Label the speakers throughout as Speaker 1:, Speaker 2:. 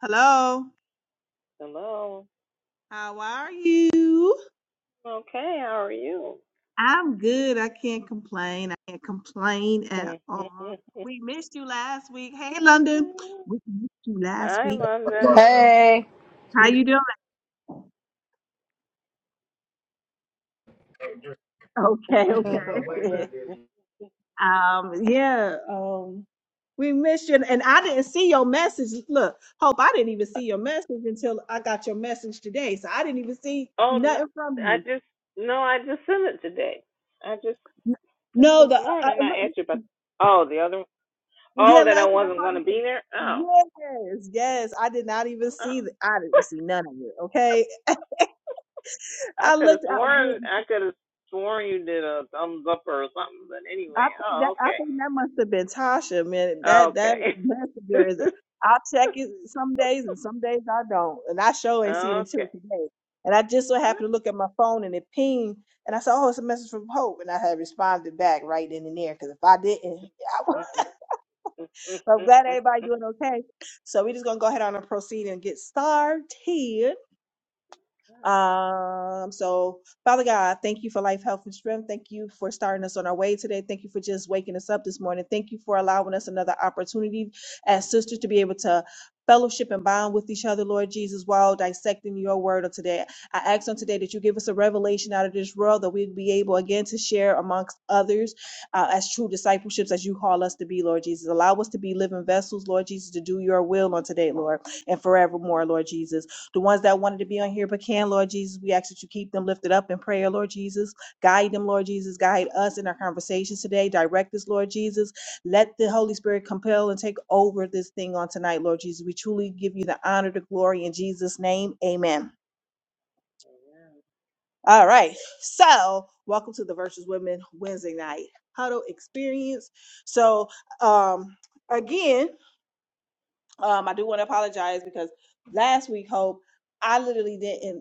Speaker 1: Hello.
Speaker 2: Hello.
Speaker 1: How are you?
Speaker 2: Okay, how are you?
Speaker 1: I'm good. I can't complain. I can't complain at all. We missed you last week. Hey, London. We missed you last
Speaker 2: Hi,
Speaker 1: week.
Speaker 2: London.
Speaker 3: Hey.
Speaker 1: How you doing? Okay, okay. um, yeah. Um, we missed you, and I didn't see your message. Look, hope I didn't even see your message until I got your message today. So I didn't even see
Speaker 2: Oh, no,
Speaker 1: nothing from
Speaker 2: I
Speaker 1: you.
Speaker 2: just no, I just sent it today. I just just
Speaker 1: No,
Speaker 2: this
Speaker 1: the uh,
Speaker 2: morning
Speaker 1: uh,
Speaker 2: I asked you about. Oh, the other. Oh,
Speaker 1: Yeah,
Speaker 2: that I
Speaker 1: last week I
Speaker 2: wasn't
Speaker 1: probably
Speaker 2: gonna be
Speaker 1: said
Speaker 2: there. Oh,
Speaker 1: yes, yes. I did not even see
Speaker 2: oh.
Speaker 1: that. I didn't see none of it. Okay,
Speaker 2: I
Speaker 1: I
Speaker 2: could have
Speaker 1: looked. I,
Speaker 2: sworn
Speaker 1: mean,
Speaker 2: I could have sworn you did a thumbs up or something. But anyway.
Speaker 1: I think that
Speaker 2: Oh,
Speaker 1: I
Speaker 2: okay.
Speaker 1: think that must have been Tasha. Man, that that
Speaker 2: Okay.
Speaker 1: messenger is. I'll check it some days, and some days I don't. And I sure ain't seen it until today. And I just so happened to look at my phone, and it pinged, and I said, "Oh, it's a message from Hope," and I had responded back right then and there. Because if I didn't, I, I'm glad
Speaker 2: okay.
Speaker 1: everybody doing okay. So we're just gonna go ahead on and proceed and get started. Um, so, Father God, thank you for life, health, and strength. Thank you for starting us on our way today. Thank you for just waking us up this morning. Thank you for allowing us another opportunity as sisters to be able to fellowship and bond with each other, Lord Jesus, while dissecting your word of today. I ask on today that you give us a revelation out of this world that we'd be able again to share amongst others uh, as true discipleships as you call us to be, Lord Jesus. Allow us to be living vessels, Lord Jesus, to do your will on today, Lord, and forevermore, Lord Jesus the ones that wanted to be on here but can, Lord Jesus, we ask that you keep them lifted up in prayer, Lord Jesus. Guide them, Lord Jesus. Guide us in our conversations today. Direct us, Lord Jesus. Let the Holy Spirit compel and take over this thing on tonight, Lord Jesus. We truly give you the honor, the glory in Jesus' name. Amen. All right. So, welcome to the Versus Women Wednesday night huddle experience. So, um, again, um, I do want to apologize because last week, Hope, I literally didn't.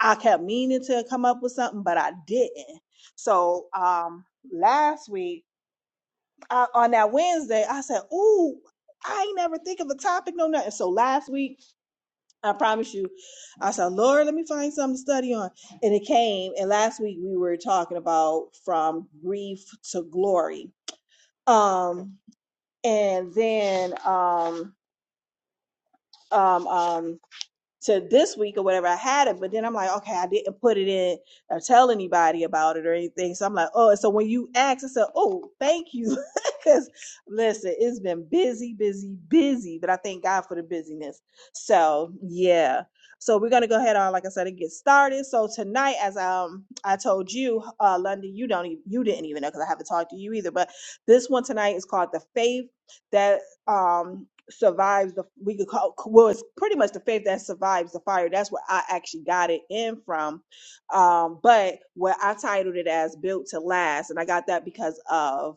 Speaker 1: I kept meaning to come up with something, but I didn't. So um last week uh, on that Wednesday, I said, "Ooh, I ain't never think of a topic, no nothing." So last week, I promise you, I said, "Lord, let me find something to study on," and it came. And last week we were talking about from grief to glory. Um, and then um, um, um, to this week or whatever. I had it, but then I'm like, okay, I didn't put it in or tell anybody about it or anything. So I'm like, oh, and so when you asked, I said, oh, thank you. Because listen, it's been busy, busy, busy, but I thank God for the busyness. So yeah. So we're gonna go ahead on, like I said, and get started. So tonight, as um I told you, uh London, you don't even you didn't even know because I haven't talked to you either. But this one tonight is called the faith that um survives the we could call well it's pretty much the faith that survives the fire that's where i actually got it in from um but what i titled it as built to last and i got that because of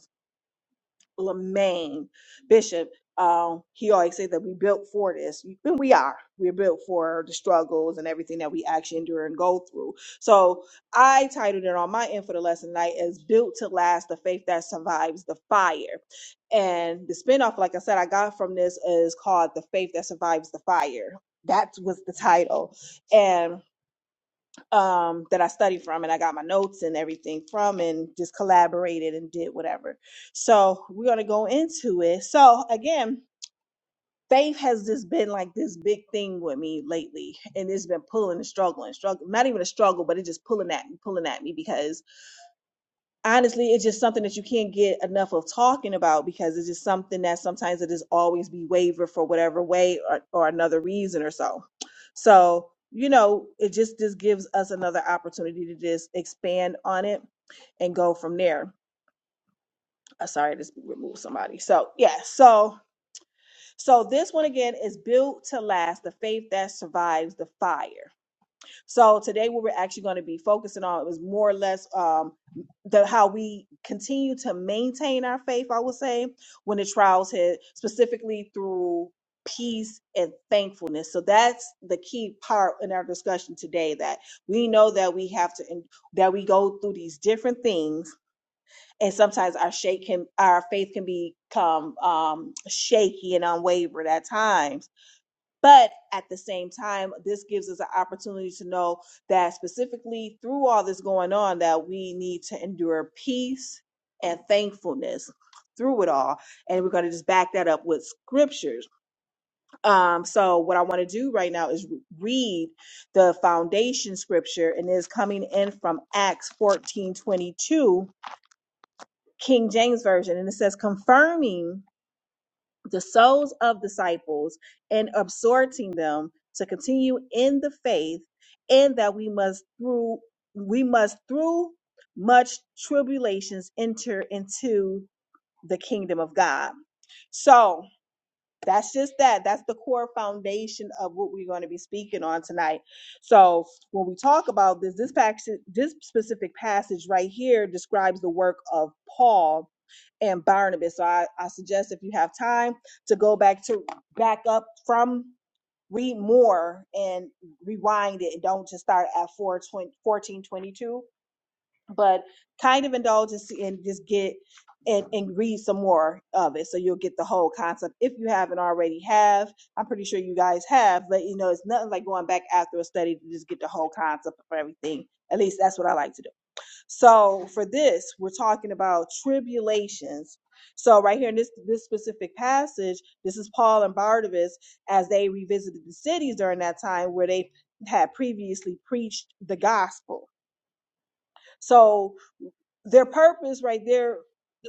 Speaker 1: Lemaine, Bishop, um, he always said that we built for this, and we are. We're built for the struggles and everything that we actually endure and go through. So I titled it on my end for the lesson tonight as "Built to Last: The Faith That Survives the Fire." And the spinoff, like I said, I got from this is called "The Faith That Survives the Fire." That was the title, and um, that I studied from, and I got my notes and everything from, and just collaborated and did whatever. So we're gonna go into it. So again, faith has just been like this big thing with me lately, and it's been pulling and struggling, struggling. not even a struggle, but it's just pulling at me, pulling at me because honestly, it's just something that you can't get enough of talking about because it's just something that sometimes it is always be wavered for whatever way or, or another reason or so. So, you know, it just just gives us another opportunity to just expand on it and go from there. Uh, sorry, I just removed somebody. So yeah, so so this one again is built to last, the faith that survives the fire. So today, what we're actually going to be focusing on is more or less um, the how we continue to maintain our faith. I would say when the trials hit, specifically through peace and thankfulness. So that's the key part in our discussion today. That we know that we have to that we go through these different things, and sometimes our shake can our faith can become um, shaky and unwavered at times but at the same time, this gives us an opportunity to know that specifically through all this going on, that we need to endure peace and thankfulness through it all. And we're going to just back that up with scriptures. Um, so what I want to do right now is re- read the foundation scripture, and it's coming in from Acts fourteen twenty two, King James Version. And it says, confirming the souls of disciples and exhorting them to continue in the faith and that we must through we must through much tribulations enter into the kingdom of God. So that's just that. That's the core foundation of what we're going to be speaking on tonight. So when we talk about this, this passage, this specific passage right here describes the work of Paul and Barnabas. So I, I suggest if you have time to go back to back up from read more and rewind it and don't just start at four twenty fourteen twenty two but kind of indulge and see and just get and, and read some more of it so you'll get the whole concept if you haven't already have i'm pretty sure you guys have but you know it's nothing like going back after a study to just get the whole concept of everything at least that's what i like to do so for this we're talking about tribulations so right here in this this specific passage this is paul and barnabas as they revisited the cities during that time where they had previously preached the gospel so their purpose right there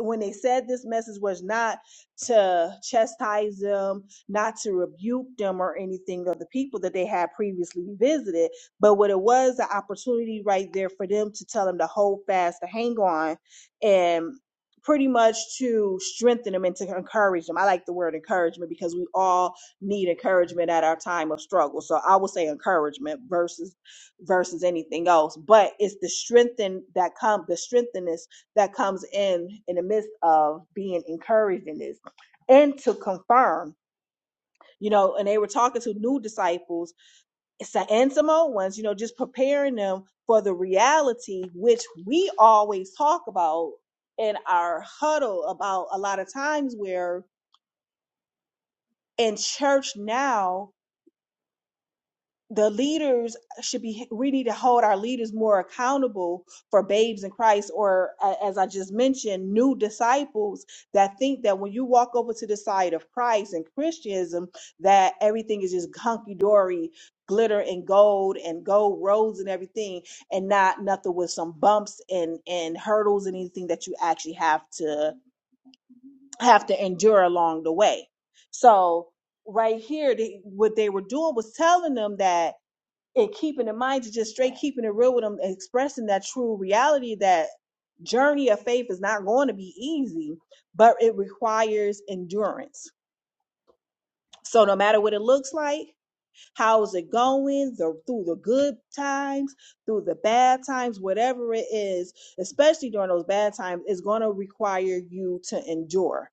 Speaker 1: when they said this message was not to chastise them, not to rebuke them or anything of the people that they had previously visited, but what it was an opportunity right there for them to tell them to hold fast, to hang on, and pretty much to strengthen them and to encourage them. I like the word encouragement because we all need encouragement at our time of struggle. So I would say encouragement versus versus anything else but it's the strengthen that come the strengthiness that comes in in the midst of being encouraged in this and to confirm you know and they were talking to new disciples it's and some old ones you know just preparing them for the reality which we always talk about in our huddle about a lot of times where in church now the leaders should be we need to hold our leaders more accountable for babes in christ or a- as i just mentioned new disciples that think that when you walk over to the side of christ and christianism that everything is just hunky-dory glitter and gold and gold roads and everything and not nothing with some bumps and and hurdles and anything that you actually have to have to endure along the way so right here they, what they were doing was telling them that and keeping in mind to just straight keeping it real with them, expressing that true reality that journey of faith is not going to be easy, but it requires endurance. So no matter what it looks like, how's it going, the, through the good times, through the bad times, whatever it is, especially during those bad times, is going to require you to endure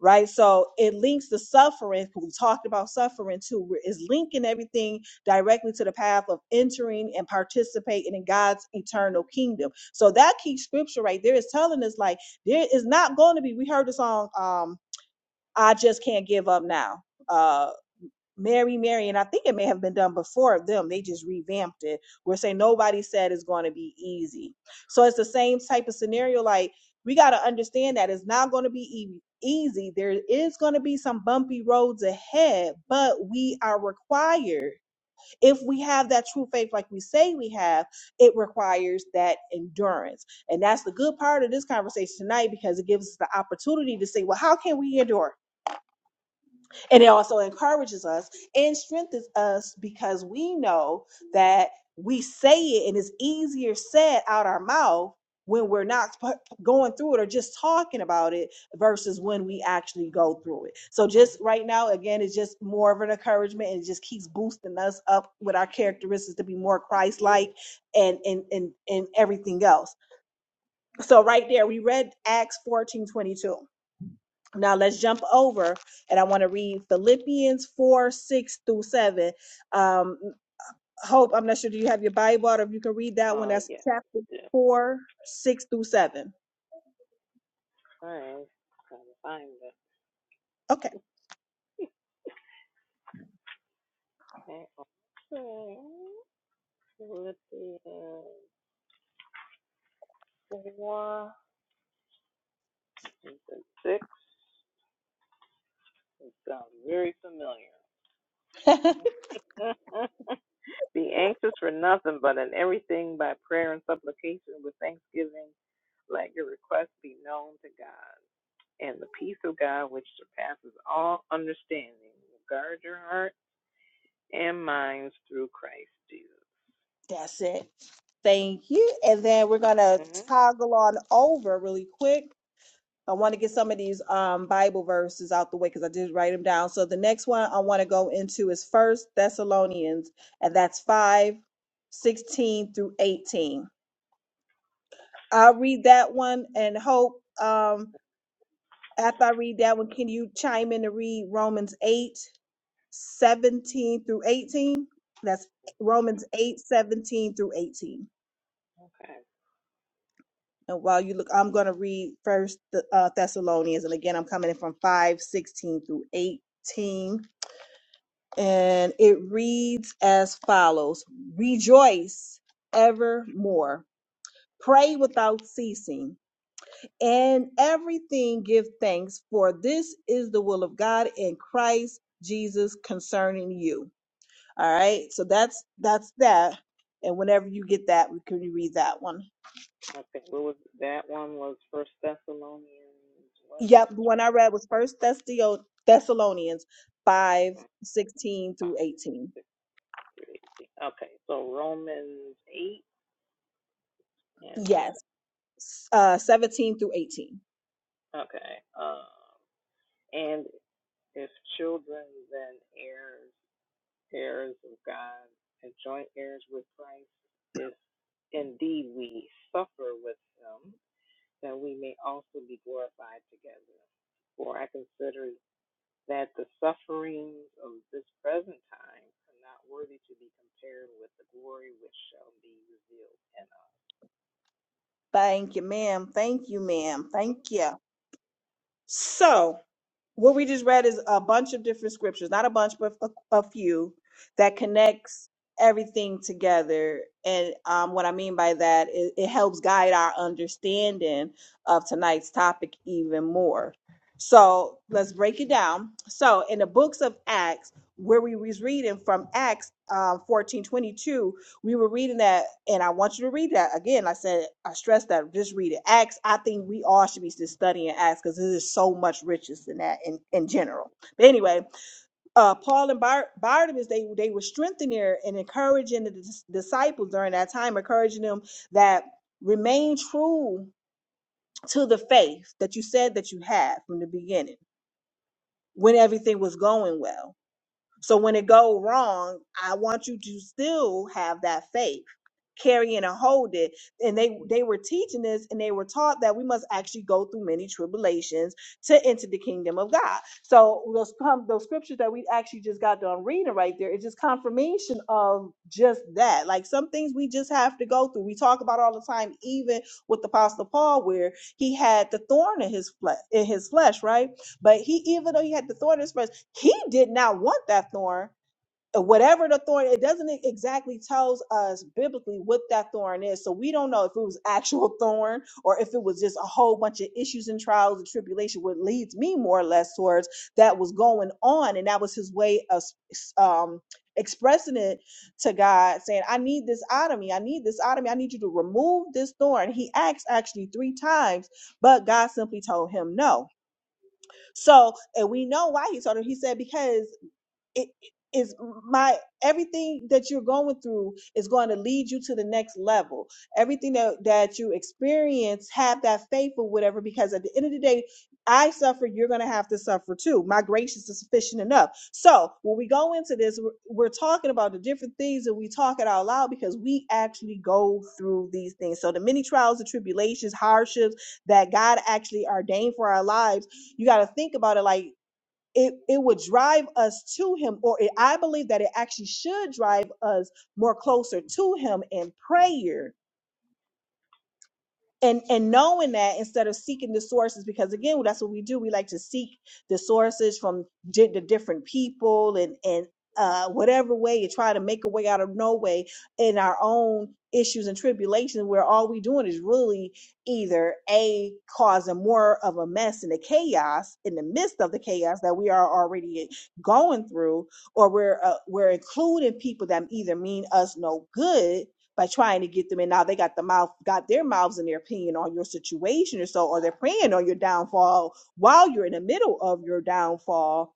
Speaker 1: right? So it links the suffering. We talked about suffering too. we're- It's linking everything directly to the path of entering and participating in God's eternal kingdom. So that key scripture right there is telling us like there is not going to be. We heard this on um, "I Just Can't Give Up Now." Uh. Mary, Mary, and I think it may have been done before them. They just revamped it. We're saying nobody said it's going to be easy. So it's the same type of scenario. Like we got to understand that it's not going to be e- easy. There is going to be some bumpy roads ahead, but we are required, if we have that true faith, like we say we have, it requires that endurance. And that's the good part of this conversation tonight because it gives us the opportunity to say, well, how can we endure? And it also encourages us and strengthens us because we know that we say it and it's easier said out our mouth when we're not p- going through it or just talking about it versus when we actually go through it. So just right now, again, it's just more of an encouragement and it just keeps boosting us up with our characteristics to be more Christ-like and and and, and everything else. So right there, we read Acts fourteen twenty-two. Now let's jump over and I want to read Philippians 4 6 through 7. Um, Hope, I'm not sure, do you have your Bible out or if you can read that one?
Speaker 2: Uh,
Speaker 1: That's
Speaker 2: yeah,
Speaker 1: chapter
Speaker 2: yeah.
Speaker 1: 4 6 through 7.
Speaker 2: Alright, trying to find it.
Speaker 1: Okay,
Speaker 2: Okay, okay. Philippians 4 and then 6. It sounds very familiar. Be anxious for nothing, but in everything by prayer and supplication with thanksgiving, let your requests be known to God. And the peace of God, which surpasses all understanding, will guard your heart and minds through Christ Jesus.
Speaker 1: that's it. Thank you. And then we're going to
Speaker 2: hmm
Speaker 1: toggle on over really quick. I want to get some of these um, Bible verses out the way because I did write them down. So the next one I want to go into is First Thessalonians, and that's 5 16 through 18 I'll read that one and hope um, after I read that one, can you chime in to read Romans 8 17 through 18? That's Romans 8 17 through 18.
Speaker 2: Okay.
Speaker 1: And while you look, I'm going to read first the uh, Thessalonians. And again, I'm coming in from 5 16 through 18. And it reads as follows Rejoice evermore, pray without ceasing. and everything give thanks, for this is the will of God in Christ Jesus concerning you. All right, so that's that's that. And whenever you get that, we can read that one.
Speaker 2: Okay, what was that one was First Thessalonians what you
Speaker 1: Yep, the
Speaker 2: just
Speaker 1: one
Speaker 2: read?
Speaker 1: I read was First Thessalonians five sixteen
Speaker 2: Five,
Speaker 1: through eighteen.
Speaker 2: six through eighteen. Okay, so Romans eight and what?
Speaker 1: Yes, uh, seventeen through eighteen.
Speaker 2: Okay. Um and if children then heirs heirs of God and joint heirs with Christ, if indeed we suffer with him, that we may also be glorified together. For I consider that the sufferings of this present time are not worthy to be compared with the glory which shall be revealed in us.
Speaker 1: Thank you, ma'am. Thank you, ma'am. Thank you. So what we just read is a bunch of different scriptures, not a bunch, but a, a few that
Speaker 2: Mhm.
Speaker 1: connects everything together. And um, what I mean by that is it helps guide our understanding of tonight's topic even more. So let's break it down. So in the books of Acts, where we was reading from Acts um, 14:22, we were reading that, and I want you to read that again. I said, I stress that, just read it. Acts, I think we all should be just studying Acts because this is so much riches than that in, in general. But anyway, uh, Paul and Bar- Barnabas, they, they were strengthening and encouraging the dis- disciples during that time, encouraging them that remain true to the faith that you said that you had from the beginning when everything was going well so when it go wrong, I want you to still have that faith, carry it and hold it. And they they were teaching this, and they were taught that we must actually go through many tribulations to enter the kingdom of God. So those com- those scriptures that we actually just got done reading right there is just confirmation of just that. Like some things we just have to go through. We talk about all the time, even with the Apostle Paul, where he had the thorn in his flesh in his flesh, right? But he even though he had the thorn in his flesh he did not want that thorn Uh, whatever the thorn it doesn't e- exactly tells us biblically what that thorn is so we don't know if it was actual thorn or if it was just a whole bunch of issues and trials and tribulation what leads me more or less towards that was going on and that was his way of s- s- um expressing it to god saying i need this out of me i need this out of me i need you to remove this thorn he asked actually three times but god simply told him no so, and we know why he told him. He said, because it it is my everything that you're going through is going to lead you to the next level everything that, that you experience have that faith or whatever because at the end of the day i suffer you're going to have to suffer too my grace is sufficient enough so when we go into this we're, we're talking about the different things and we talk it out loud because we actually go through these things so the many trials and tribulations hardships that god actually ordained for our lives you got to think about it like it, it would drive us to him or it, i believe that it actually should drive us more closer to him in prayer and and knowing that instead of seeking the sources because again that's what we do we like to seek the sources from di- the different people and and uh whatever way you try to make a way out of no way in our own issues and tribulations where all we doing is really either a causing more of a mess and the chaos in the midst of the chaos that we are already going through or we're uh, we're including people that either mean us no good by trying to get them in, now they got the mouth got their mouths and their opinion on your situation or so or they're preying on your downfall while you're in the middle of your downfall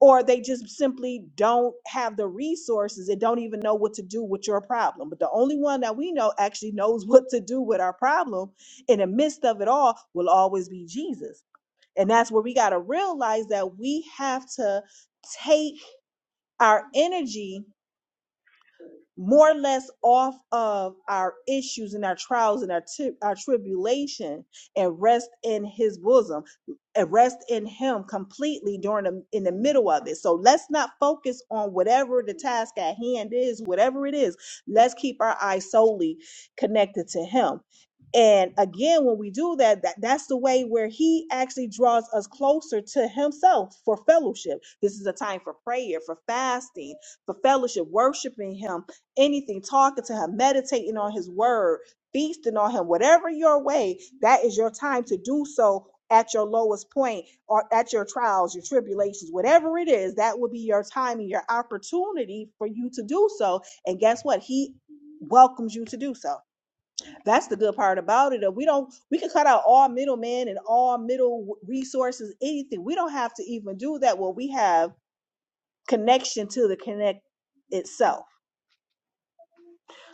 Speaker 1: or they just simply don't have the resources and don't even know what to do with your problem but the only one that we know actually knows what to do with our problem in the midst of it all will always be jesus and that's where we got to realize that we have to take our energy more or less off of our issues and our trials and our ti- our tribulation and rest in his bosom and rest in him completely during the in the middle of it so let's not focus on whatever the task at hand is whatever it is let's keep our eyes solely connected to him and again when we do that, that that's the way where he actually draws us closer to himself for fellowship this is a time for prayer for fasting for fellowship worshiping him anything, talking to him, meditating on his word, feasting on him, whatever your way, that is your time to do so at your lowest point or at your trials, your tribulations, whatever it is, that will be your time and your opportunity for you to do so. And guess what? He welcomes you to do so. That's the good part about it. We don't we can cut out all middlemen and all middle resources, anything. We don't have to even do that. Well, we have connection to the connect itself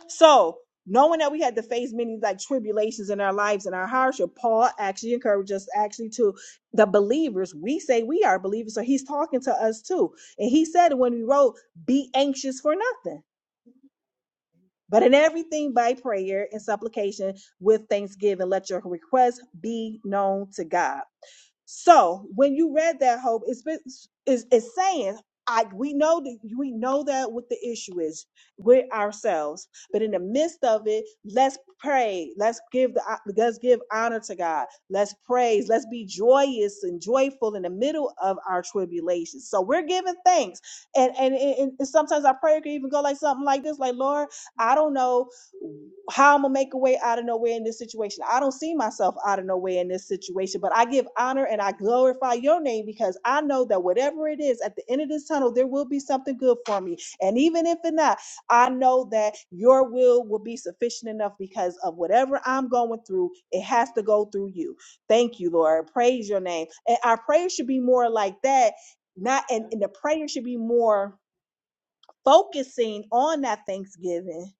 Speaker 1: So, knowing that we had to face many like tribulations in our lives and our hardship, Paul actually encouraged us actually to the believers. We say we are believers, so he's talking to us too. And he said when we wrote, "Be anxious for nothing." But in everything by prayer and supplication with thanksgiving, let your requests be known to God. So when you read that hope, it's been- it's, it's saying I we know that we know that what the issue is with ourselves, but in the midst of it, let's pray. Let's give the let's give honor to God. Let's praise. Let's be joyous and joyful in the middle of our tribulations. So we're giving thanks, and and and, and sometimes our prayer can even go like something like this: like Lord, I don't know how I'm gonna make a way out of nowhere in this situation. I don't see myself out of nowhere in this situation, but I give honor and I glorify your name because I know that whatever it is at the end of this tunnel, there will be something good for me. And even if it's not, I know that your will will be sufficient enough because of whatever I'm going through, it has to go through you. Thank you, Lord. Praise your name. And our prayers should be more like that, not
Speaker 2: Yeah.
Speaker 1: and, and the prayer should be more focusing on that thanksgiving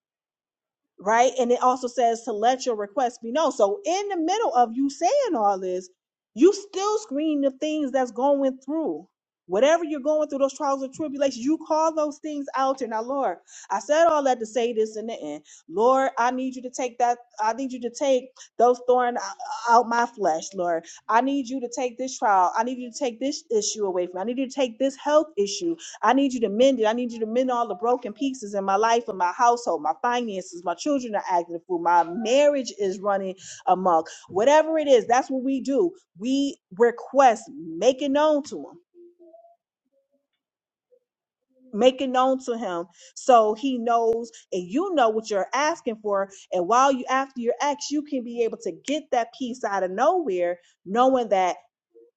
Speaker 1: right? And it also says to let your request be known. So in the middle of you saying all this, you still screen the things that's going through. Whatever you're going through, those trials and tribulations, you call those things out. And now, Lord, I said all that to say this in the end. Lord, I need you to take that. I need you to take those thorns out my flesh, Lord. I need you to take this trial. I need you to take this issue away from me. I need you to take this health issue. I need you to mend it. I need you to mend all the broken pieces in my life and my household, my finances, my children are acting a fool, my marriage is running amok. Whatever it is, that's what we do. We request, make it known to him. Make it known to him so he knows and you know what you're asking for. And while you after your ex, you can be able to get that piece out of nowhere, knowing that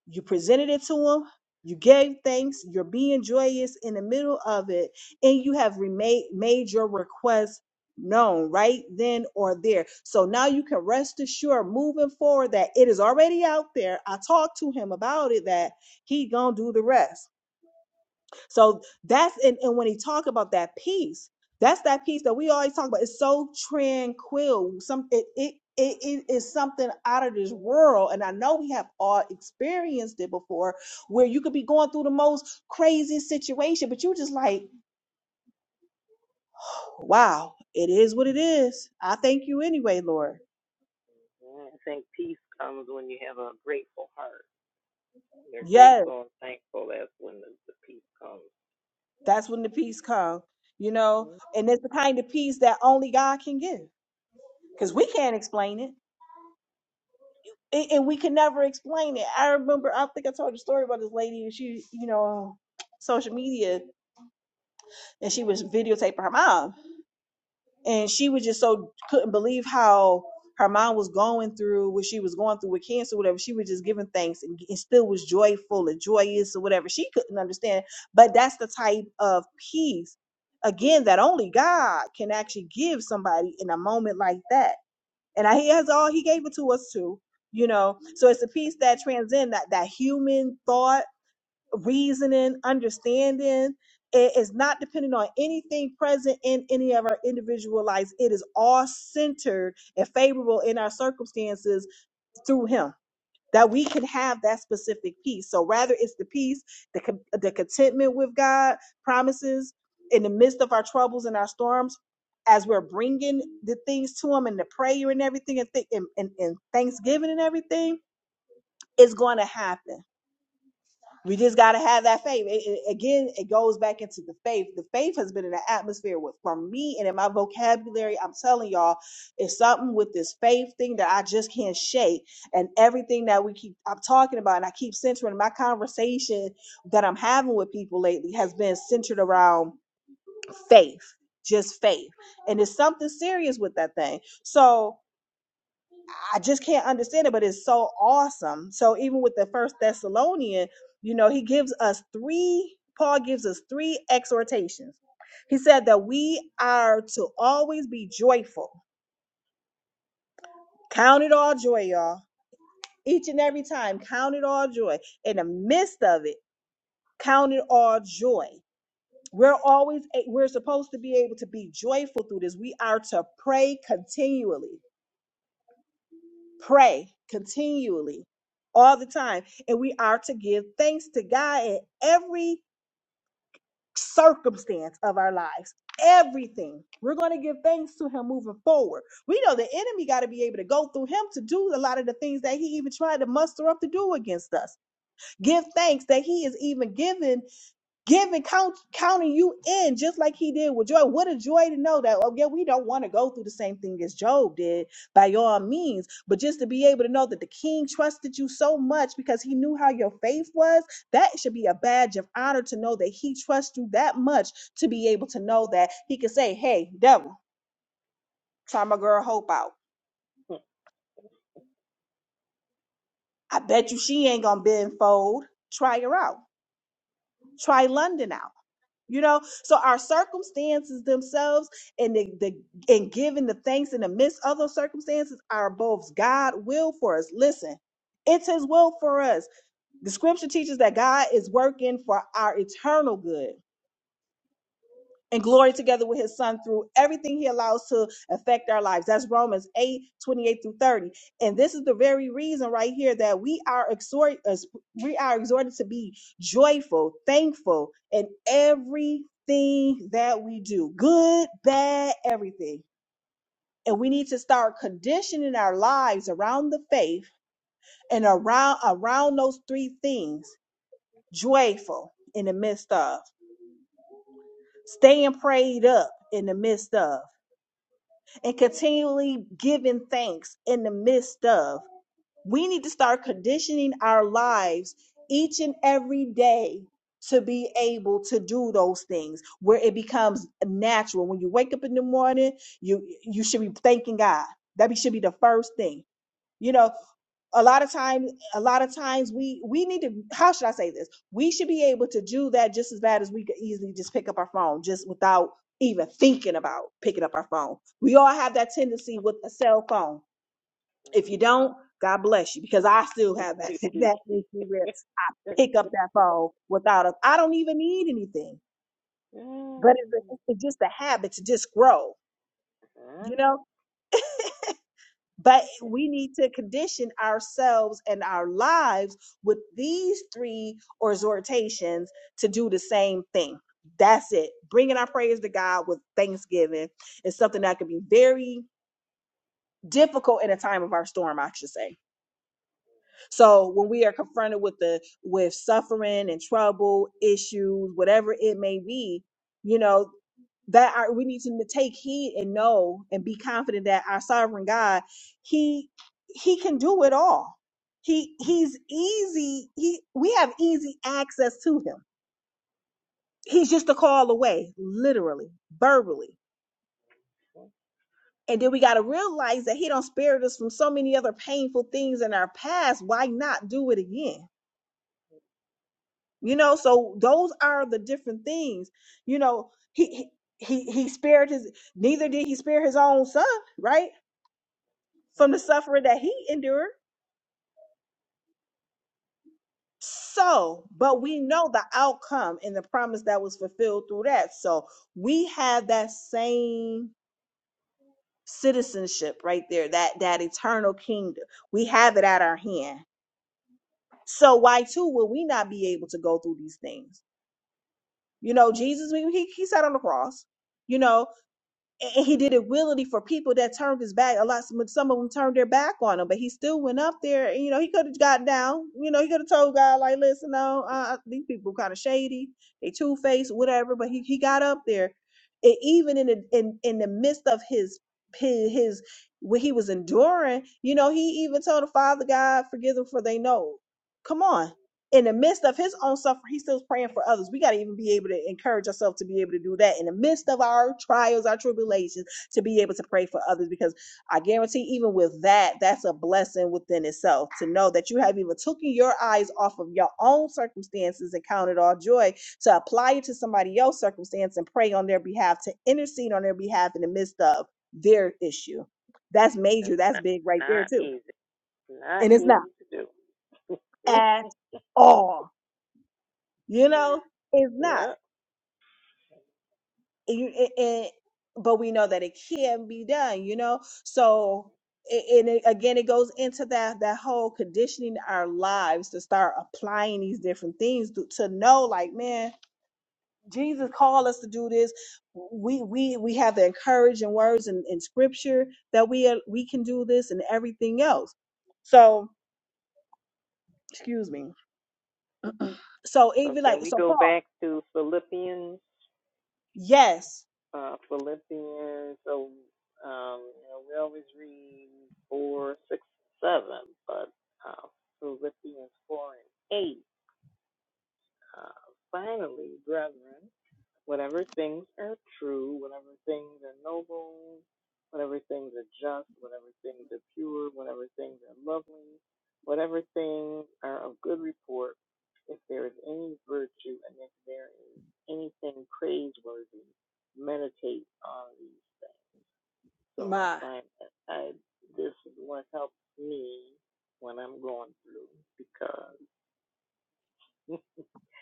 Speaker 1: you presented it to him you gave thanks you're being joyous in the middle of it and you have remade made your request known right then or there so now you can rest assured moving forward that it is already out there i talked to him about it that he gonna do the rest so that's and, and when he talk about that peace, that's that peace that we always talk about. It's so tranquil. Some it it it, it is something out of this world. And I know we have all experienced it before where you could be going through the most crazy situation, but you just like, wow, it is what it is. I thank you anyway, Lord.
Speaker 2: Yeah. I think peace comes when you have a grateful heart. You're
Speaker 1: Yes,
Speaker 2: grateful and thankful. That's when the, the peace comes.
Speaker 1: that's when the peace comes, you know,
Speaker 2: Mhm.
Speaker 1: and it's the kind of peace that only God can give because we can't explain it. and, and we could never explain it. I remember, I think I told the story about this lady, and she, you know, social media, and she was videotaping her mom, and she was just so couldn't believe how her mom was going through what she was going through with cancer, whatever. She was just giving thanks and, and still was joyful and joyous or whatever. She couldn't understand, but that's the type of peace. Again, that only God can actually give somebody in a moment like that and I, he has all he gave it to us too you know so it's a piece that transcends that that human thought reasoning understanding it is not dependent on anything present in any of our individual lives it is all centered and favorable in our circumstances through him that we can have that specific peace. So rather it's the peace, the, con- the contentment with God promises in the midst of our troubles and our storms, as we're bringing the things to Him and the prayer and everything and, th- and, and, and thanksgiving and everything, it's going to happen. We just got to have that faith. It- it- again, it goes back into the faith. The faith has been in the atmosphere with for me and in my vocabulary. I'm telling y'all, it's something with this faith thing that I just can't shake. And everything that we keep I'm talking about, and I keep centering my conversation that I'm having with people lately has been centered around faith, just faith. And it's something serious with that thing. So I just can't understand it, but it's so awesome. So even with the first Thessalonian, you know, he gives us three, Paul gives us three exhortations. He said that we are to always be joyful. Count it all joy, y'all. Each and every time, count it all joy. In the midst of it, count it all joy. We're always we're supposed to be able to be joyful through this. We are to pray continually. pray continually all the time and we are to give thanks to god in every circumstance of our lives everything we're going to give thanks to him moving forward we know the enemy got to be able to go through him to do a lot of the things that he even tried to muster up to do against us give thanks that he is even given giving count counting you in just like he did with joy what a joy to know that oh yeah we don't want to go through the same thing as job did by all means but just to be able to know that the king trusted you so much because he knew how your faith was that should be a badge of honor to know that he trusts you that much to be able to know that he could say hey devil try my girl hope out i bet you she ain't gonna bend fold try her out try london out You know, so our circumstances themselves and the, the and giving the thanks in the midst of those circumstances are both God will for us. Listen, it's his will for us. The scripture teaches that God is working for our eternal good and glory together with his son through everything he allows to affect our lives. That's Romans 8 28 through 30. And this is the very reason right here that we are exhort us we are exhorted to be joyful, thankful in everything that we do, good, bad, everything. And we need to start conditioning our lives around the faith and around around those three things. Joyful in the midst of, staying prayed up in the midst of and continually giving thanks in the midst of. We need to start conditioning our lives each and every day to be able to do those things where it becomes natural. When you wake up in the morning, you you should be thanking God. That be- should be the first thing. You know, a lot of times a lot of times we we need to how should i say this we should be able to do that just as bad as we could easily just pick up our phone just without even thinking about picking up our phone we all have that tendency with a cell phone if you don't god bless you because i still have that that tendency where pick up that phone without a i don't even need anything but it's, it's just a habit to just grow you know But we need to condition ourselves and our lives with these three exhortations to do the same thing. That's it. Bringing our praise to God with thanksgiving is something that can be very difficult in a time of our storm, I should say so when we are confronted with the with suffering and trouble, issues, whatever it may be, you know, that our, we need to take heed and know and be confident that our sovereign God, he he can do it all. He he's easy. He we have easy access to him. He's just a call away, literally, verbally. And then we got to realize that he don't spare us from so many other painful things in our past. Why not do it again? you know so those are the different things you know he he he he spared his neither did he spare his own son right from the suffering that he endured so but we know the outcome and the promise that was fulfilled through that so we have that same citizenship right there that that eternal kingdom we have it at our hand so why too will we not be able to go through these things you know jesus we, he, he sat on the cross you know and he did it willingly for people that turned his back. A lot, some, some of them turned their back on him, but he still went up there. And, you know, he could have got down. You know, he could have told God like, "Listen, no, uh, these people kind of shady, they two faced, whatever." But he, he got up there, and even in the in in the midst of his his, his what he was enduring, you know, he even told the Father God, "Forgive them, for they know." Come on, in the midst of his own suffering, he's still praying for others. We got to even be able to encourage ourselves to be able to do that in the midst of our trials, our tribulations, to be able to pray for others. Because I guarantee, even with that, that's a blessing within itself to know that you have even taken your eyes off of your own circumstances and counted all joy to apply it to somebody else's circumstance and pray on their behalf, to intercede on their behalf in the midst of their issue. That's
Speaker 2: That's
Speaker 1: major. That's
Speaker 2: not,
Speaker 1: big right there,
Speaker 2: not
Speaker 1: too.
Speaker 2: easy. Not
Speaker 1: And it's
Speaker 2: easy
Speaker 1: not
Speaker 2: to do.
Speaker 1: at all you know it's not
Speaker 2: yeah.
Speaker 1: You- it, it, but we know that it can be done you know so a- and it, again it goes into that that whole conditioning our lives to start applying these different things to, to know like man jesus called us to do this we we we have the encouraging words in, in scripture that we are, we can do this and everything else so excuse me so
Speaker 2: So
Speaker 1: even
Speaker 2: can
Speaker 1: like
Speaker 2: we
Speaker 1: so
Speaker 2: go
Speaker 1: paul
Speaker 2: back to Philippians
Speaker 1: yes
Speaker 2: uh, Philippians. So, um, you know, we always read 4, 6, and 7, but uh, Philippians 4 and 8. Uh, finally, brethren. Whatever things are true, whatever things are noble, whatever things are just, whatever things are pure, whatever things are lovely, whatever things are of good report, if there is any virtue and if there is anything praiseworthy, meditate on these things. So I
Speaker 1: my
Speaker 2: find that I, this is what helps me when I'm going through because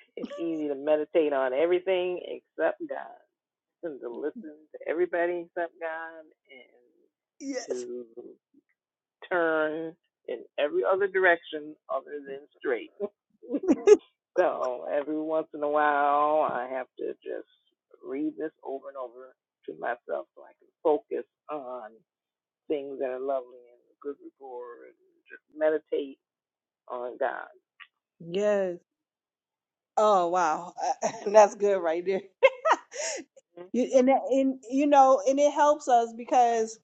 Speaker 2: it's easy to meditate on everything except God and to listen to everybody except God and
Speaker 1: yes
Speaker 2: to turn in every other direction other than straight. so every once in a while, I have to just read this over and over to myself so I can focus on things that are lovely and good rapport and just meditate on God.
Speaker 1: yes Oh wow, that's good right there. You- and that- and you know, and it helps us because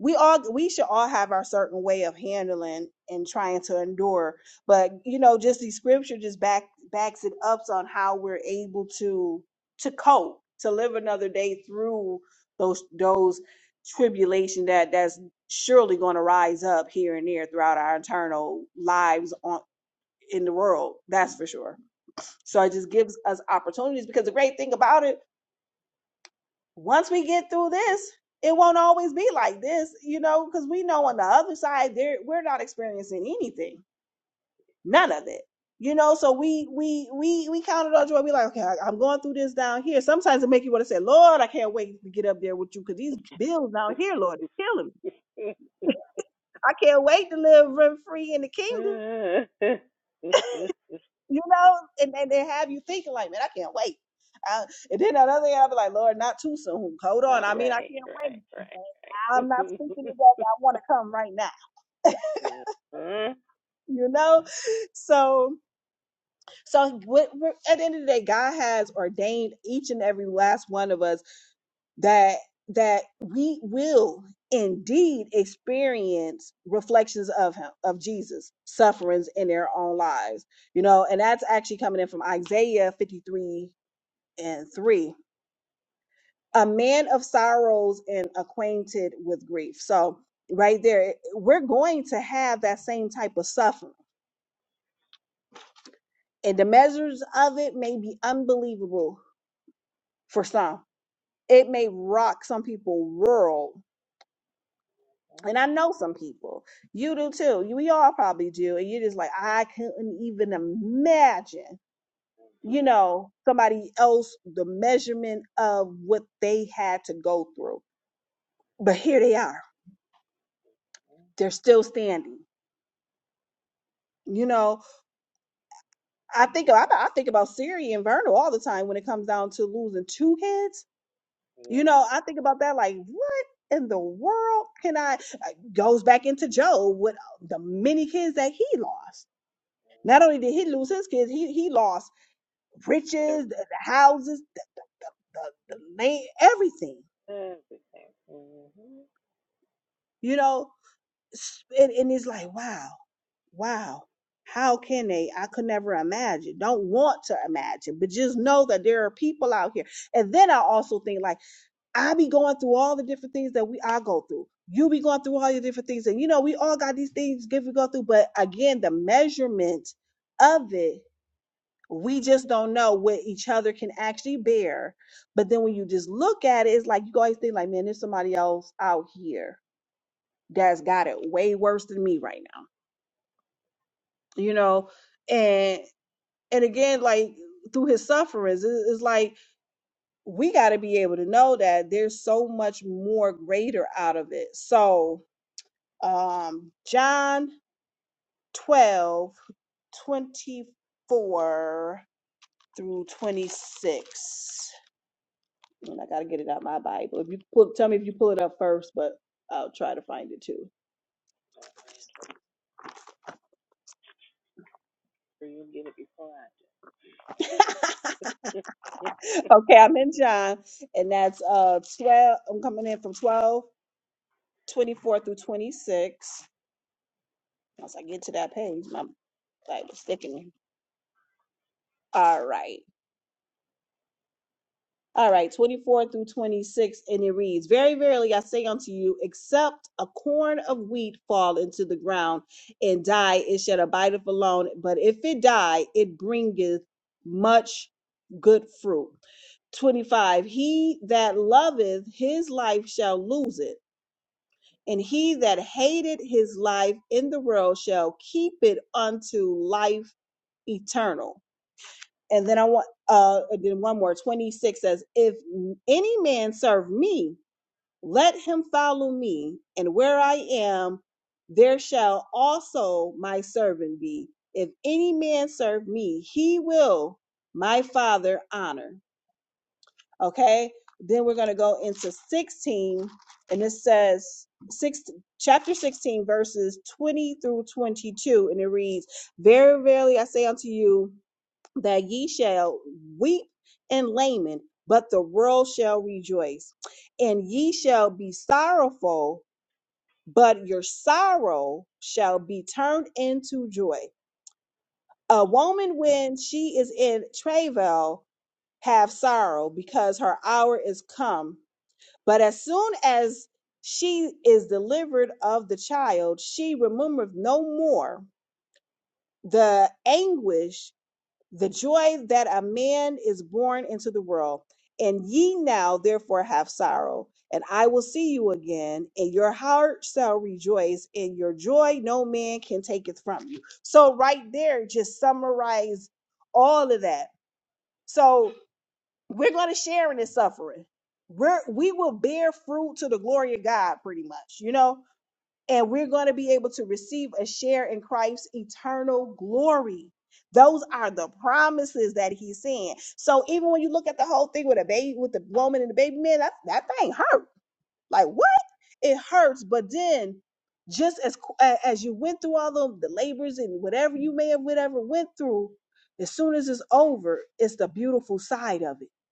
Speaker 1: we all we should all have our certain way of handling and trying to endure. But you know, just the scripture just back backs it up on how we're able to to cope, to live another day through those those tribulation that that's surely going to rise up here and there throughout our internal lives on in the world. That's for sure. So it just gives us opportunities because the great thing about it, once we get through this, it won't always be like this, you know, because we know on the other side there we're not experiencing anything, none of it, you know. So we we we we counted on joy. We like, okay, I, I'm going through this down here. Sometimes it make you want to say, Lord, I can't wait to get up there with you because these bills down here, Lord, is killing me. I can't wait to live rent free in the
Speaker 2: Not
Speaker 1: kingdom you know, and, and they have you thinking like, man, I can't wait. Uh, and then another thing, I'll be like, Lord, not too soon. Hold on. I mean, I
Speaker 2: right,
Speaker 1: can't wait.
Speaker 2: right, right,
Speaker 1: I'm not
Speaker 2: right.
Speaker 1: speaking to that. but I want to come right now.
Speaker 2: Mhm. Mhm.
Speaker 1: You know, so so what, what- at the end of the day, God has ordained each and every last one of us that that we will indeed experience reflections of Him, of Jesus' sufferings in their own lives. You know, and that's actually coming in from Isaiah 53 and three, a man of sorrows and acquainted with grief. So, right there, we're going to have that same type of suffering, and the measures of it may be unbelievable for some. It may rock some people world. And I know some people, you do too. You, we all probably do. And you're just like, I couldn't even imagine, you know, somebody else, the measurement of what they had to go through. But here they are. They're still standing You know, I think I, I think about Siri and Vernal all the time when it comes down to losing two kids.
Speaker 2: Yeah,
Speaker 1: You know, I think about that like what in the world can I I- goes back into Job with uh, the many kids that he lost. Not only did he lose his kids, he he lost riches,
Speaker 2: every,
Speaker 1: the, the houses, the, the, the land, everything.
Speaker 2: everything. Mm-hmm.
Speaker 1: You know, S- and, and it's like wow. wow, how can they? I could never imagine, don't want to imagine, but just know that there are people out here. And then I also think like I be going through all the different things that we I go through. You be going through all your different things. And you know, we all got these things give we go through, but again, the measurement of it, we just don't know what each other can actually bear. But then when you just look at it, it's like you always think like, man, there's somebody else out here that's got it way worse than me right now. You know, and and again like through his sufferings it- it's like we got to be able to know that there's so much more greater out of it so um john twelve twenty four through 26 and i gotta get it out of my bible if you pull tell me if you pull it up first but i'll try to find it too
Speaker 2: So you get it before I do.
Speaker 1: okay i'm in john and that's uh 12 i'm coming in from 12 24 through 26 Once I get to that page, my like was thickening. All right. All right, 24 through 26, and it reads, Very verily I say unto you, except a corn of wheat fall into the ground and die, it shall abideth alone. But if it die, it bringeth much good fruit. 25 he that loveth his life shall lose it and he that hated his life in the world shall keep it unto life eternal And then I want uh then one more 26 says, if any man serve me, let him follow me, and where I am, there shall also my servant be. If any man serve me, he will my father honor. Okay. Then we're gonna go into 16, and it says six chapter 16, verses 20 through 22, and it reads, Very, verily I say unto you that ye shall weep and lament, but the world shall rejoice. And ye shall be sorrowful, but your sorrow shall be turned into joy. A woman, when she is in travail, have sorrow because her hour is come. But as soon as she is delivered of the child, she remembereth no more the anguish the joy that a man is born into the world. And ye now therefore have sorrow, and I will see you again, and your heart shall rejoice, and your joy no man can take it from you. So right there, just summarize all of that. So we're going to share in this suffering. We're we will bear fruit to the glory of God, pretty much, you know and we're going to be able to receive a share in Christ's eternal glory. Those are the promises that he's saying. So even when you look at the whole thing with a baby, with the woman and the baby man, that, that thing hurt. Like what? It hurts. But then, just as qu- a- as you went through all of the labors and whatever you may have whatever went through, as soon as it's over, it's the beautiful side of it.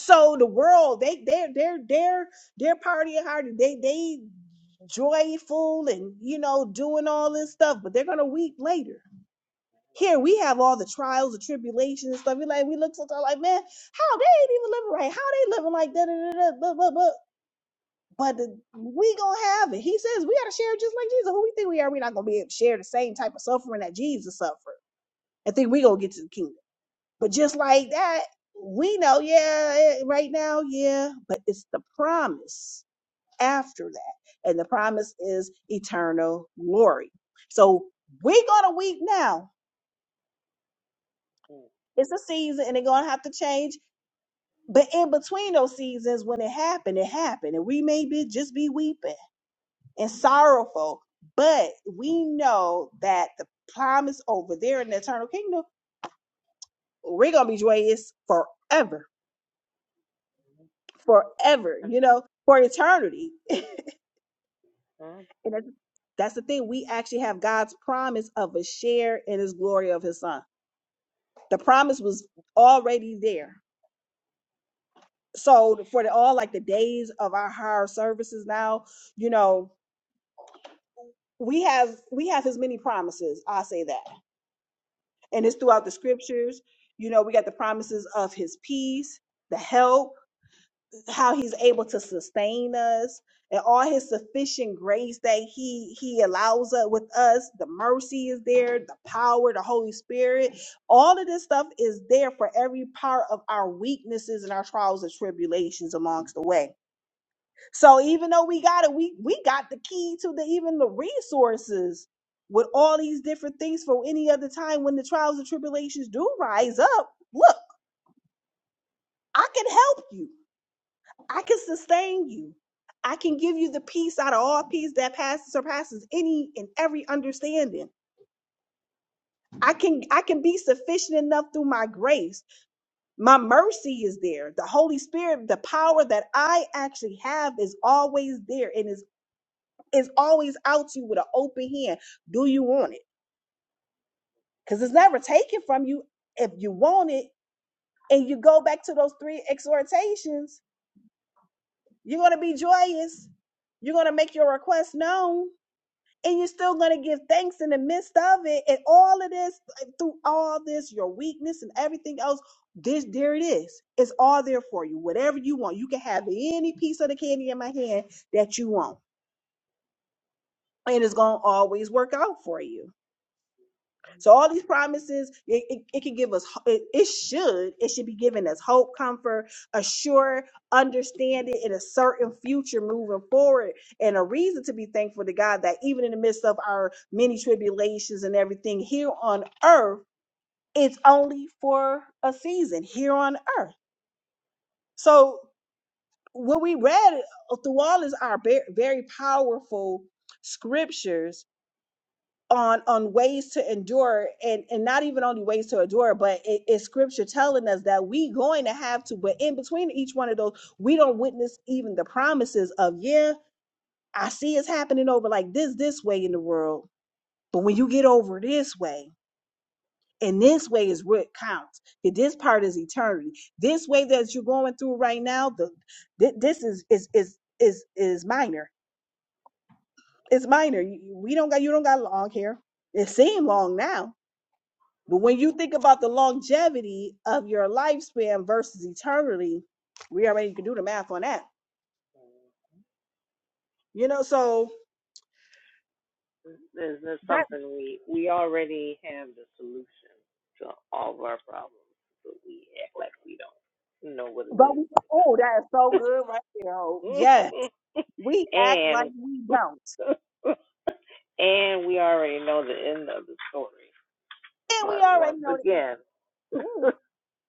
Speaker 1: So the world, they they're they're they're they're partying hard. They they joyful and you know doing all this stuff but they're gonna weep later here we have all the trials the tribulations and stuff we like we look sometimes like man how they ain't even living right how they living like da da da da but but but but the- we gonna have it he says we gotta share it just like jesus who we think we are we are not gonna be able to share the same type of suffering that jesus suffered I think we gonna get to the kingdom but just like that we know yeah eh, right now yeah but it's the promise after that. And the promise is eternal glory. So we're going to weep now.
Speaker 2: Mhm.
Speaker 1: It's a season and they're going to have to change. But in between those seasons, when it happened, it happened. And we may be just be weeping and sorrowful. But we know that the promise over there in the eternal kingdom, we're going to be joyous forever, forever, you know, for eternity.
Speaker 2: Mhm.
Speaker 1: And that's that's the thing. We actually have God's promise of a share in his glory of his son. The promise was already there. So for the, all like the days of our higher services now, you know, we have we have his many promises. I say that, and it's throughout the scriptures. You know, we got the promises of his peace, the help, how he's able to sustain us and all his sufficient grace that he he allows us with us the mercy is there the power the holy spirit all of this stuff is there for every part of our weaknesses and our trials and tribulations amongst the way so even though we got it we we got the key to the even the resources with all these different things for any other time when the trials and tribulations do rise up look i can help you I can sustain you. I can give you the peace out of all peace that passes surpasses any and every understanding. I can I can be sufficient enough through my grace. My mercy is there. The Holy Spirit, the power that I actually have is always there and is is always out to you with an open hand. Do you want it? Because it's never taken from you if you want it. And you go back to those three exhortations, you're gonna be joyous. You're gonna make your request known and you're still going to give thanks in the midst of it and all of this like, through all this your weakness and everything else this there it is it's all there for you whatever you want you can have any piece of the candy in my hand that you want and it's going to always work out for you so all these promises, it, it, it can give us, it, it should, it should be giving us hope, comfort, a sure understanding and a certain future moving forward and a reason to be thankful to God that even in the midst of our many tribulations and everything here on earth, it's only for a season here on earth. So what we read through all is our very, very powerful scriptures on on ways to endure and and not even only ways to endure but it, it's scripture telling us that we going to have to but in between each one of those we don't witness even the promises of yeah i see it's happening over like this this way in the world but when you get over this way and this way is what counts that this part is eternity this way that you're going through right now the thi- this is is is is is minor it's minor You- you- we don't got you don't got long hair it seemed long now But when you think about the longevity of your lifespan versus eternity, we already can do the math on that. You know, so
Speaker 2: There's, there's
Speaker 1: that
Speaker 2: something we we already have the solution to all of our problems, but we act like we don't know what it
Speaker 1: but
Speaker 2: is
Speaker 1: we oh, that is so good right there.
Speaker 2: sometimes.
Speaker 1: Oh, yes. We act like
Speaker 2: and
Speaker 1: we don't.
Speaker 2: and we already know the end of the story,
Speaker 1: And we
Speaker 2: but once
Speaker 1: already know that.
Speaker 2: again.
Speaker 1: Ooh,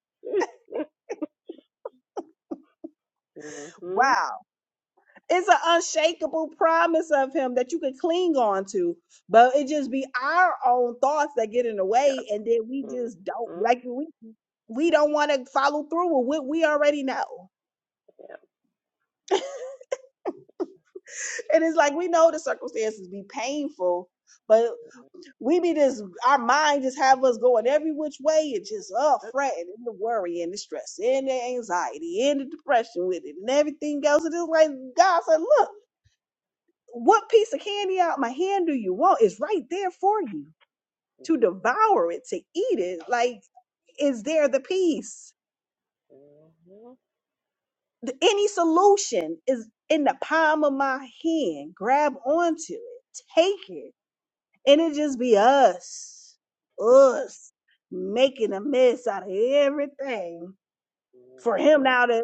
Speaker 2: mhm.
Speaker 1: wow. It's an unshakable promise of him that you can cling on to. But it just be our own thoughts that get in the
Speaker 2: yeah.
Speaker 1: way and then we just don't
Speaker 2: hmm
Speaker 1: like we we don't want to follow through with what we already know.
Speaker 2: Yeah.
Speaker 1: And it's like we know the circumstances be painful, but we be this our mind just have us going every which way and just uh
Speaker 2: that's
Speaker 1: fretting and the worry and the stress and the anxiety and the depression with it and everything else. And it's like God said, Look, what piece of candy out my hand do you want? It's right there for you to devour it, to eat it. Like, is there the peace?
Speaker 2: Mm-hmm.
Speaker 1: The- Any solution is in the palm of my hand. Grab onto it, take it And it just be us, us making a mess out of everything for him
Speaker 2: Mm-hmm.
Speaker 1: now to,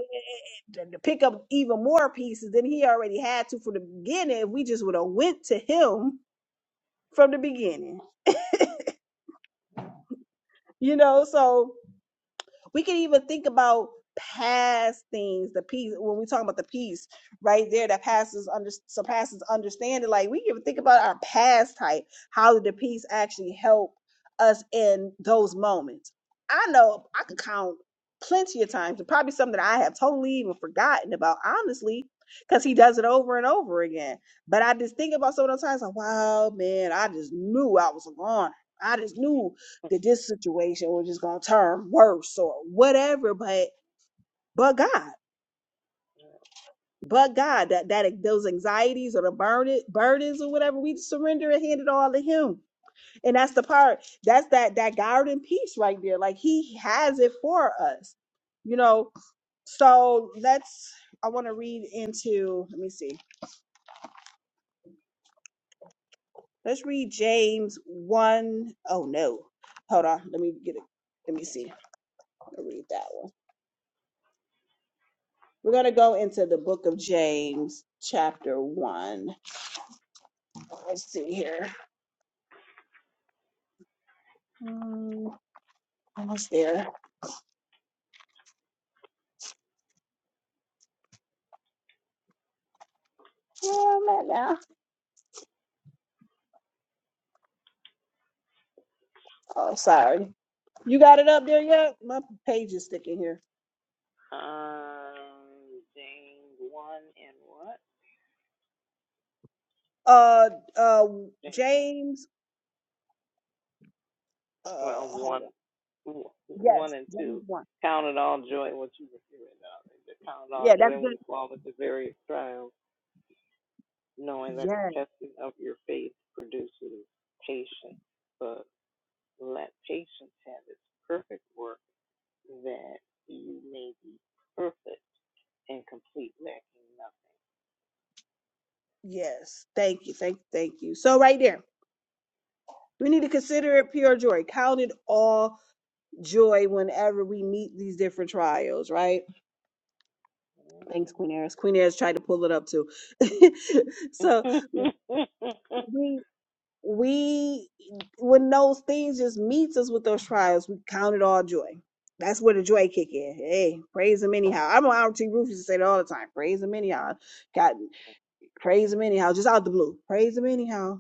Speaker 1: to to pick up even more pieces than he already had to from the beginning. If we just would have went to him from the beginning, you know, so We can even think about past things, the peace when we talk about the peace right there that passes under surpasses understanding. Like we can think about our past type. How did the peace actually help us in those moments? I know I could count plenty of times, and probably something that I have totally even forgotten about, honestly, because he does it over and over again. But I just think about some of those times, like, wow, man, I just knew I was a goner. I just knew that this situation was just going to turn worse or whatever. But but God, but God, that that those anxieties or the burden burdens or whatever, we surrender and hand it all to Him. And that's the part. That's that that garden piece right there. Like He has it for us, you know. So let's. I want to read into. Let me see. Let's read James one. Oh no. Hold on. Let me get it. Let me see. I'm to read that one. We're going to go into the book of James, chapter 1. Let's see here. Um, almost there. Yeah, I'm at now. Oh, sorry. You got it up there yet? My page is sticking here.
Speaker 2: Um, James one and what?
Speaker 1: Uh, uh,
Speaker 2: James
Speaker 1: James, uh,
Speaker 2: well,
Speaker 1: hold
Speaker 2: one,
Speaker 1: on.
Speaker 2: one
Speaker 1: Yes,
Speaker 2: and
Speaker 1: James
Speaker 2: two.
Speaker 1: 1.
Speaker 2: Count it all joy. What you were hearing now? Count it all
Speaker 1: Yeah, that's
Speaker 2: joy when
Speaker 1: good.
Speaker 2: you fall into various trials, knowing that the
Speaker 1: Yes,
Speaker 2: testing of your faith produces patience. But let patience have its perfect work, that you may be perfect and complete, lacking nothing.
Speaker 1: yes. Thank you. Thank, thank you. So, right there. We need to consider it pure joy. Count it all joy whenever we meet these different trials, right? Thanks, Queen Eris. Queen Eris tried to pull it up too.
Speaker 2: um,
Speaker 1: so we we when those things just meets us with those trials, we count it all joy. That's where the joy kick in. Hey, praise him anyhow. I'm on RT Roof used to say that all the time. Praise him anyhow. God, praise him anyhow. Just out the blue. Praise him anyhow.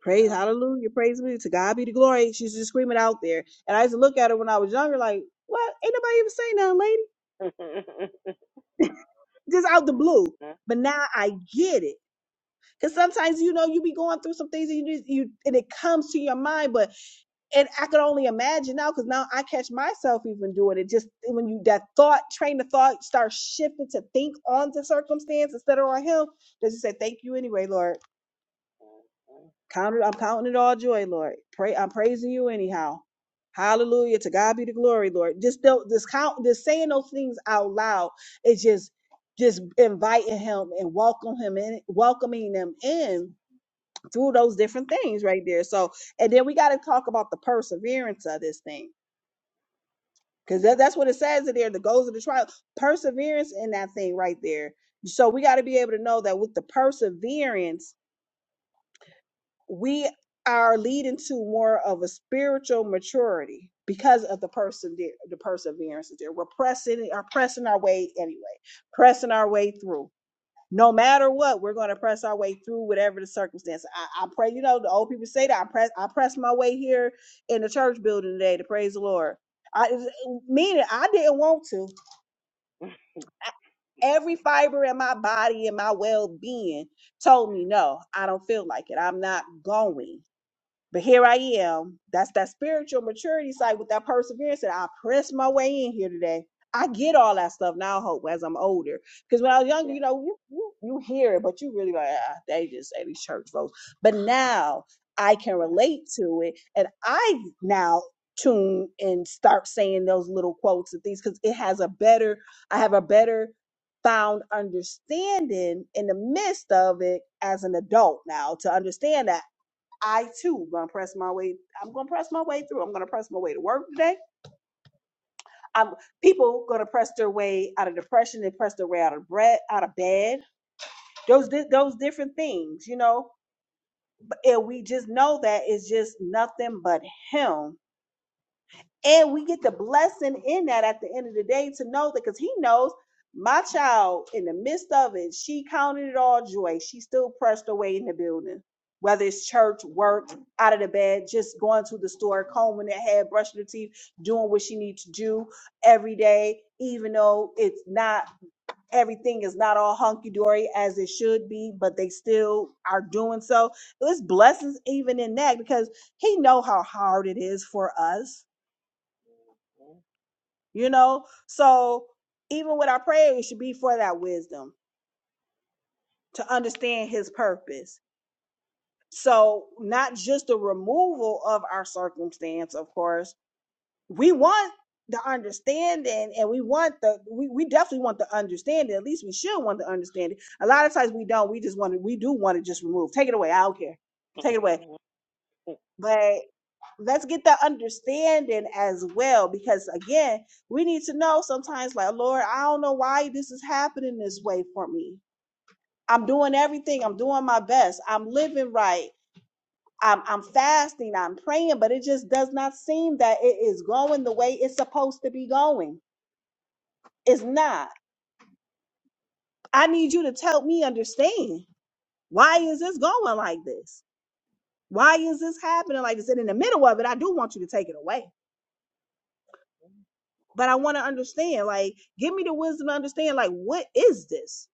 Speaker 1: Praise hallelujah. Praise me. To God be the glory. She's just screaming out there. And I used to look at her when I was younger, like, what? Ain't nobody even saying nothing, lady. Just out the blue. But now I get it Cause sometimes you know you be going through some things and you just, you and it comes to your mind, but and I could only imagine now because now I catch myself even doing it. Just when you that thought, train of thought, start shifting to think on the circumstance instead of on Him. Does it say thank you anyway, Lord? Count it, I'm counting it all joy, Lord. Pray, I'm praising you anyhow. Hallelujah to God be the glory, Lord. Just don't just count, just saying those things out loud. It's just just inviting Him and welcome Him in, welcoming them in through those different things right there. So, and then we got to talk about the perseverance of this thing because that, that's what it says in there the goals of the trial, perseverance in that thing right there. So, we got to be able to know that with the perseverance, we are leading to more of a spiritual maturity because of the person the perseverance is there. We're pressing, are pressing our way anyway, pressing our way through. no matter what, we're going to press our way through whatever the circumstance. I, I pray, you know, the old people say that I press, I press my way here in the church building today to praise the Lord. I meaning I didn't want to. Every fiber in my body and my well being told me no, I don't feel like it. I'm not going. But here I am. That's that spiritual maturity side with that perseverance. And I press my way in here today. I get all that stuff now, hope, as I'm older. Because when I was younger, you know, you, you, you hear it, but you really like, ah, they just say these church folks. But now I can relate to it. And I now tune and start saying those little quotes and things because it has a better, I have a better found understanding in the midst of it as an adult now to understand that I too gonna press my way. I'm gonna press my way through. I'm gonna press my way to work today. I'm people gonna press their way out of depression and press their way out of bread, out of bed. Those di- those different things, you know. But and we just know that it's just nothing but him And we get the blessing in that at the end of the day to know that because he knows my child in the midst of it, she counted it all joy. She still pressed away in the building, whether it's church, work, out of the bed, just going to the store, combing her hair, brushing her teeth, doing what she needs to do every day, even though it's not everything is not all hunky dory as it should be, but they still are doing so. It's blessings even in that because he know how hard it is for us you know so even with our prayer it should be for that wisdom to understand his purpose so not just the removal of our circumstance of course we want the understanding and we want the we, we definitely want the understanding at least we should want the understanding a lot of times we don't we just want to we do want to just remove take it away i don't care take it away but let's get that understanding as well because again we need to know sometimes like lord i don't know why this is happening this way for me i'm doing everything i'm doing my best i'm living right i'm, I'm fasting i'm praying but it just does not seem that it is going the way it's supposed to be going it's not i need you to help me understand why is this going like this why is this happening like this and in the middle of it i do want you to take it away but I want to understand. Like, give me the wisdom to understand, like, what is this?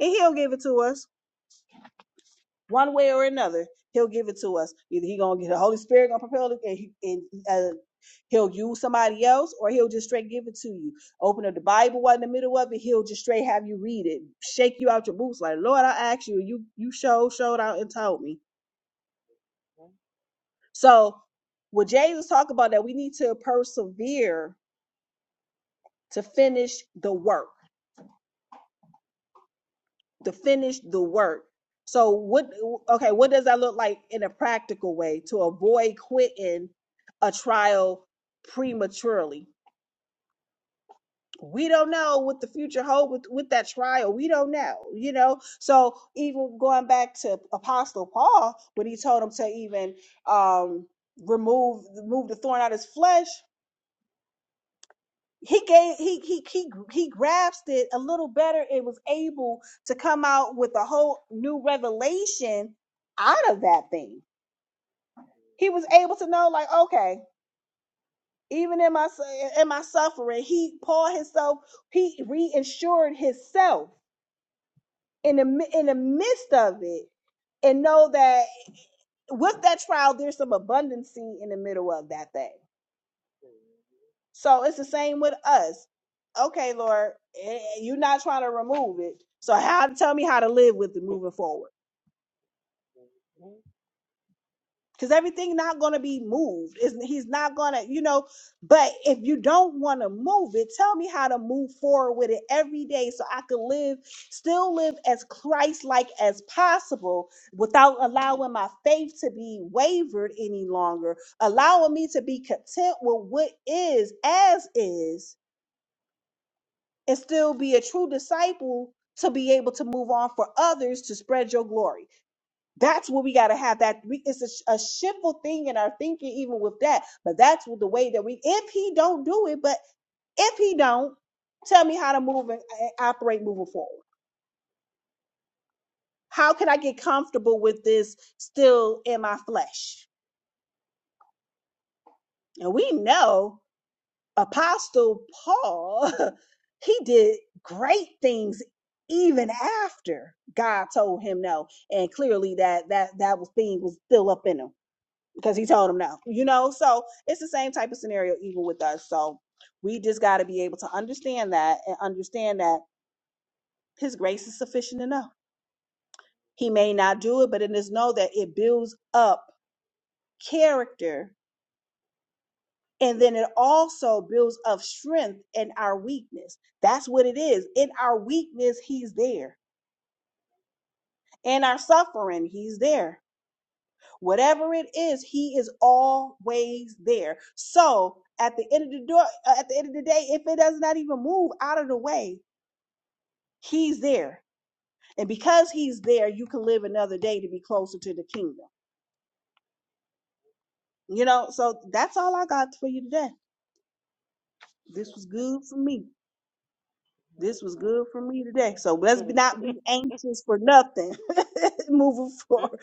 Speaker 1: And he'll give it to us one way or another. He'll give it to us. Either he gonna get the Holy Spirit gonna propel it, and, he, and uh, he'll use somebody else, or he'll just straight give it to you. Open up the Bible while in the middle of it. He'll just straight have you read it, shake you out your boots, like, Lord, I asked you, you you showed showed out and told me. So, what Jesus talk about that we need to persevere to finish the work to finish the work. So what okay, what does that look like in a practical way to avoid quitting a trial prematurely? We don't know what the future holds with, with that trial. We don't know, you know. So even going back to Apostle Paul, when he told him to even um remove remove the thorn out of his flesh, he gave he he he he grasped it a little better and was able to come out with a whole new revelation out of that thing. He was able to know, like, okay, even in my su- in my suffering, he Paul himself he reassured himself in the mi- in the midst of it, and know that with that trial, there's some abundancy in the middle of that thing So it's the same with us. Okay, Lord, eh, you're not trying to remove it. So how tell me how to live with it moving forward. Because everything not going to be moved. is he's not gonna, you know, but if you don't want to move it, tell me how to move forward with it every day so I could live, still live as Christ-like as possible without allowing my faith to be wavered any longer, allowing me to be content with what is as is and still be a true disciple to be able to move on for others to spread your glory. That's what we got to have. That we, it's a, sh- a shiftful thing in our thinking, even with that. But that's what the way that we. If he don't do it, but if he don't, tell me how to move and, and operate moving forward. How can I get comfortable with this still in my flesh? And we know. Apostle Paul, he did great things even after God told him no. And clearly that that that was thing was still up in him because he told him no. You know, so it's the same type of scenario even with us. So we just got to be able to understand that and understand that his grace is sufficient enough. He may not do it, but it is know that it builds up character And then it also builds up strength in our weakness. That's what it is. In our weakness, He's there. In our suffering, He's there. Whatever it is, He is always there. So at the end of the door, uh, at the end of the day, if it does not even move out of the way, He's there. And because He's there, you can live another day to be closer to the kingdom. You know, so that's all I got for you today. This was good for me. This was good for me today. So let's be- not be anxious for nothing moving forward.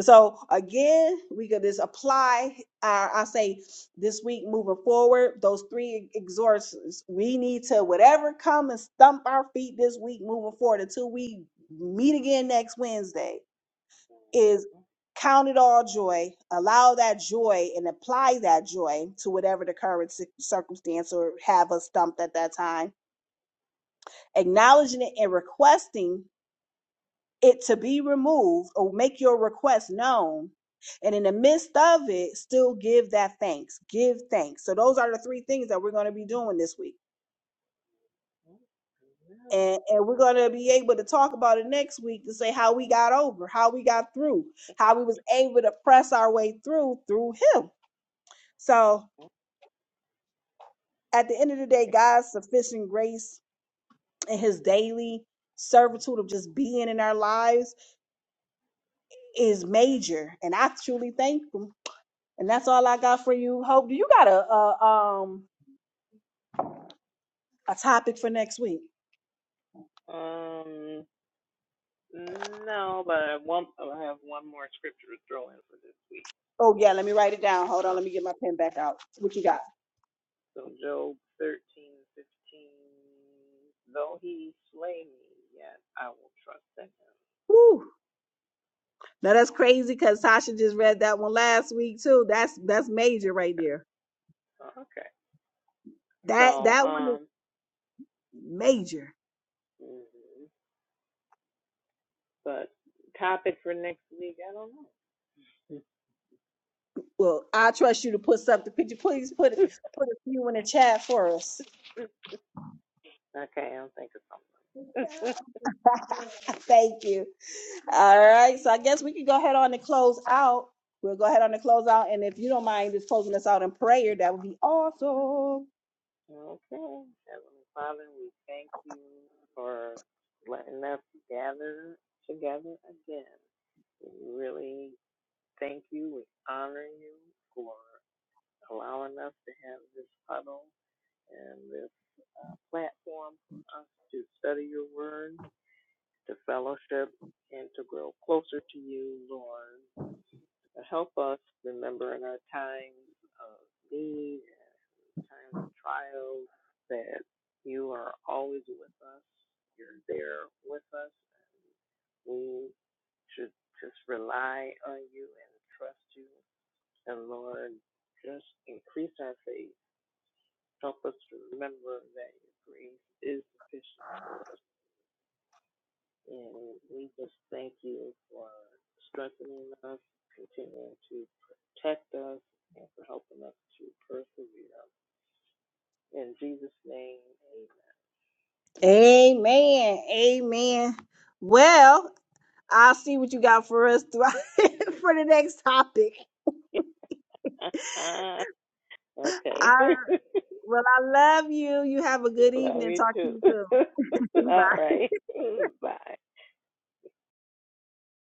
Speaker 1: So again, we could just apply our, I say this week moving forward, those three exhortations we need to whatever come and stump our feet this week moving forward until we meet again next Wednesday is count it all joy, allow that joy and apply that joy to whatever the current cir- circumstance or have us stumped at that time acknowledging it and requesting it to be removed or make your request known. And in the midst of it, still give that thanks. Give thanks. So those are the three things that we're going to be doing this week. And, and we're going to be able to talk about it next week to say how we got over, how we got through, how we was able to press our way through through him. So at the end of the day, God's sufficient grace and his daily servitude of just being in our lives is major, and I truly thank them. And that's all I got for you. Hope do you got a, a um a topic for next week?
Speaker 2: no, but I, want, I have one more scripture to throw in for this week.
Speaker 1: Oh yeah, let me write it down. Hold on,
Speaker 2: Um,
Speaker 1: let me get my pen back out. What you got?
Speaker 2: so Job thirteen fifteen. Though he slay me, yet I will trust in him.
Speaker 1: Woo! Now that's crazy because Tasha just read that one last week too. That's that's major right there.
Speaker 2: Okay. Okay.
Speaker 1: That
Speaker 2: So,
Speaker 1: that one is
Speaker 2: um,
Speaker 1: major.
Speaker 2: mm-hmm. But topic for next week, I don't know.
Speaker 1: Well, I trust you to put something. Could you please put put a few in the chat for us?
Speaker 2: okay, I'll think of something.
Speaker 1: Thank you. All right, so I guess we can go ahead on and close out. We'll go ahead on and close out, and if you don't mind just closing us out in prayer, that would be awesome.
Speaker 2: okay, Heavenly Father, we thank you for letting us gather together again. We really thank you. We honor you for allowing us to have this huddle and this uh, platform for us to study your word, to fellowship, and to grow closer to you, Lord. help us remember in our times of need, times of trials, that you are always with us. You're there with us. We should just rely on you and trust you. And Lord, just increase our faith. Help us to remember that your grace is sufficient for us. And we just thank you for strengthening us, continuing to protect us, and for helping us to persevere. In Jesus' name,
Speaker 1: Amen. Amen. Well, I'll see what you got for us throughout for the next topic.
Speaker 2: amen. okay.
Speaker 1: All Well, I love you. You have a good
Speaker 2: Love
Speaker 1: evening.
Speaker 2: you
Speaker 1: Talk to
Speaker 2: too.
Speaker 1: you soon. Bye.
Speaker 2: All right. Bye.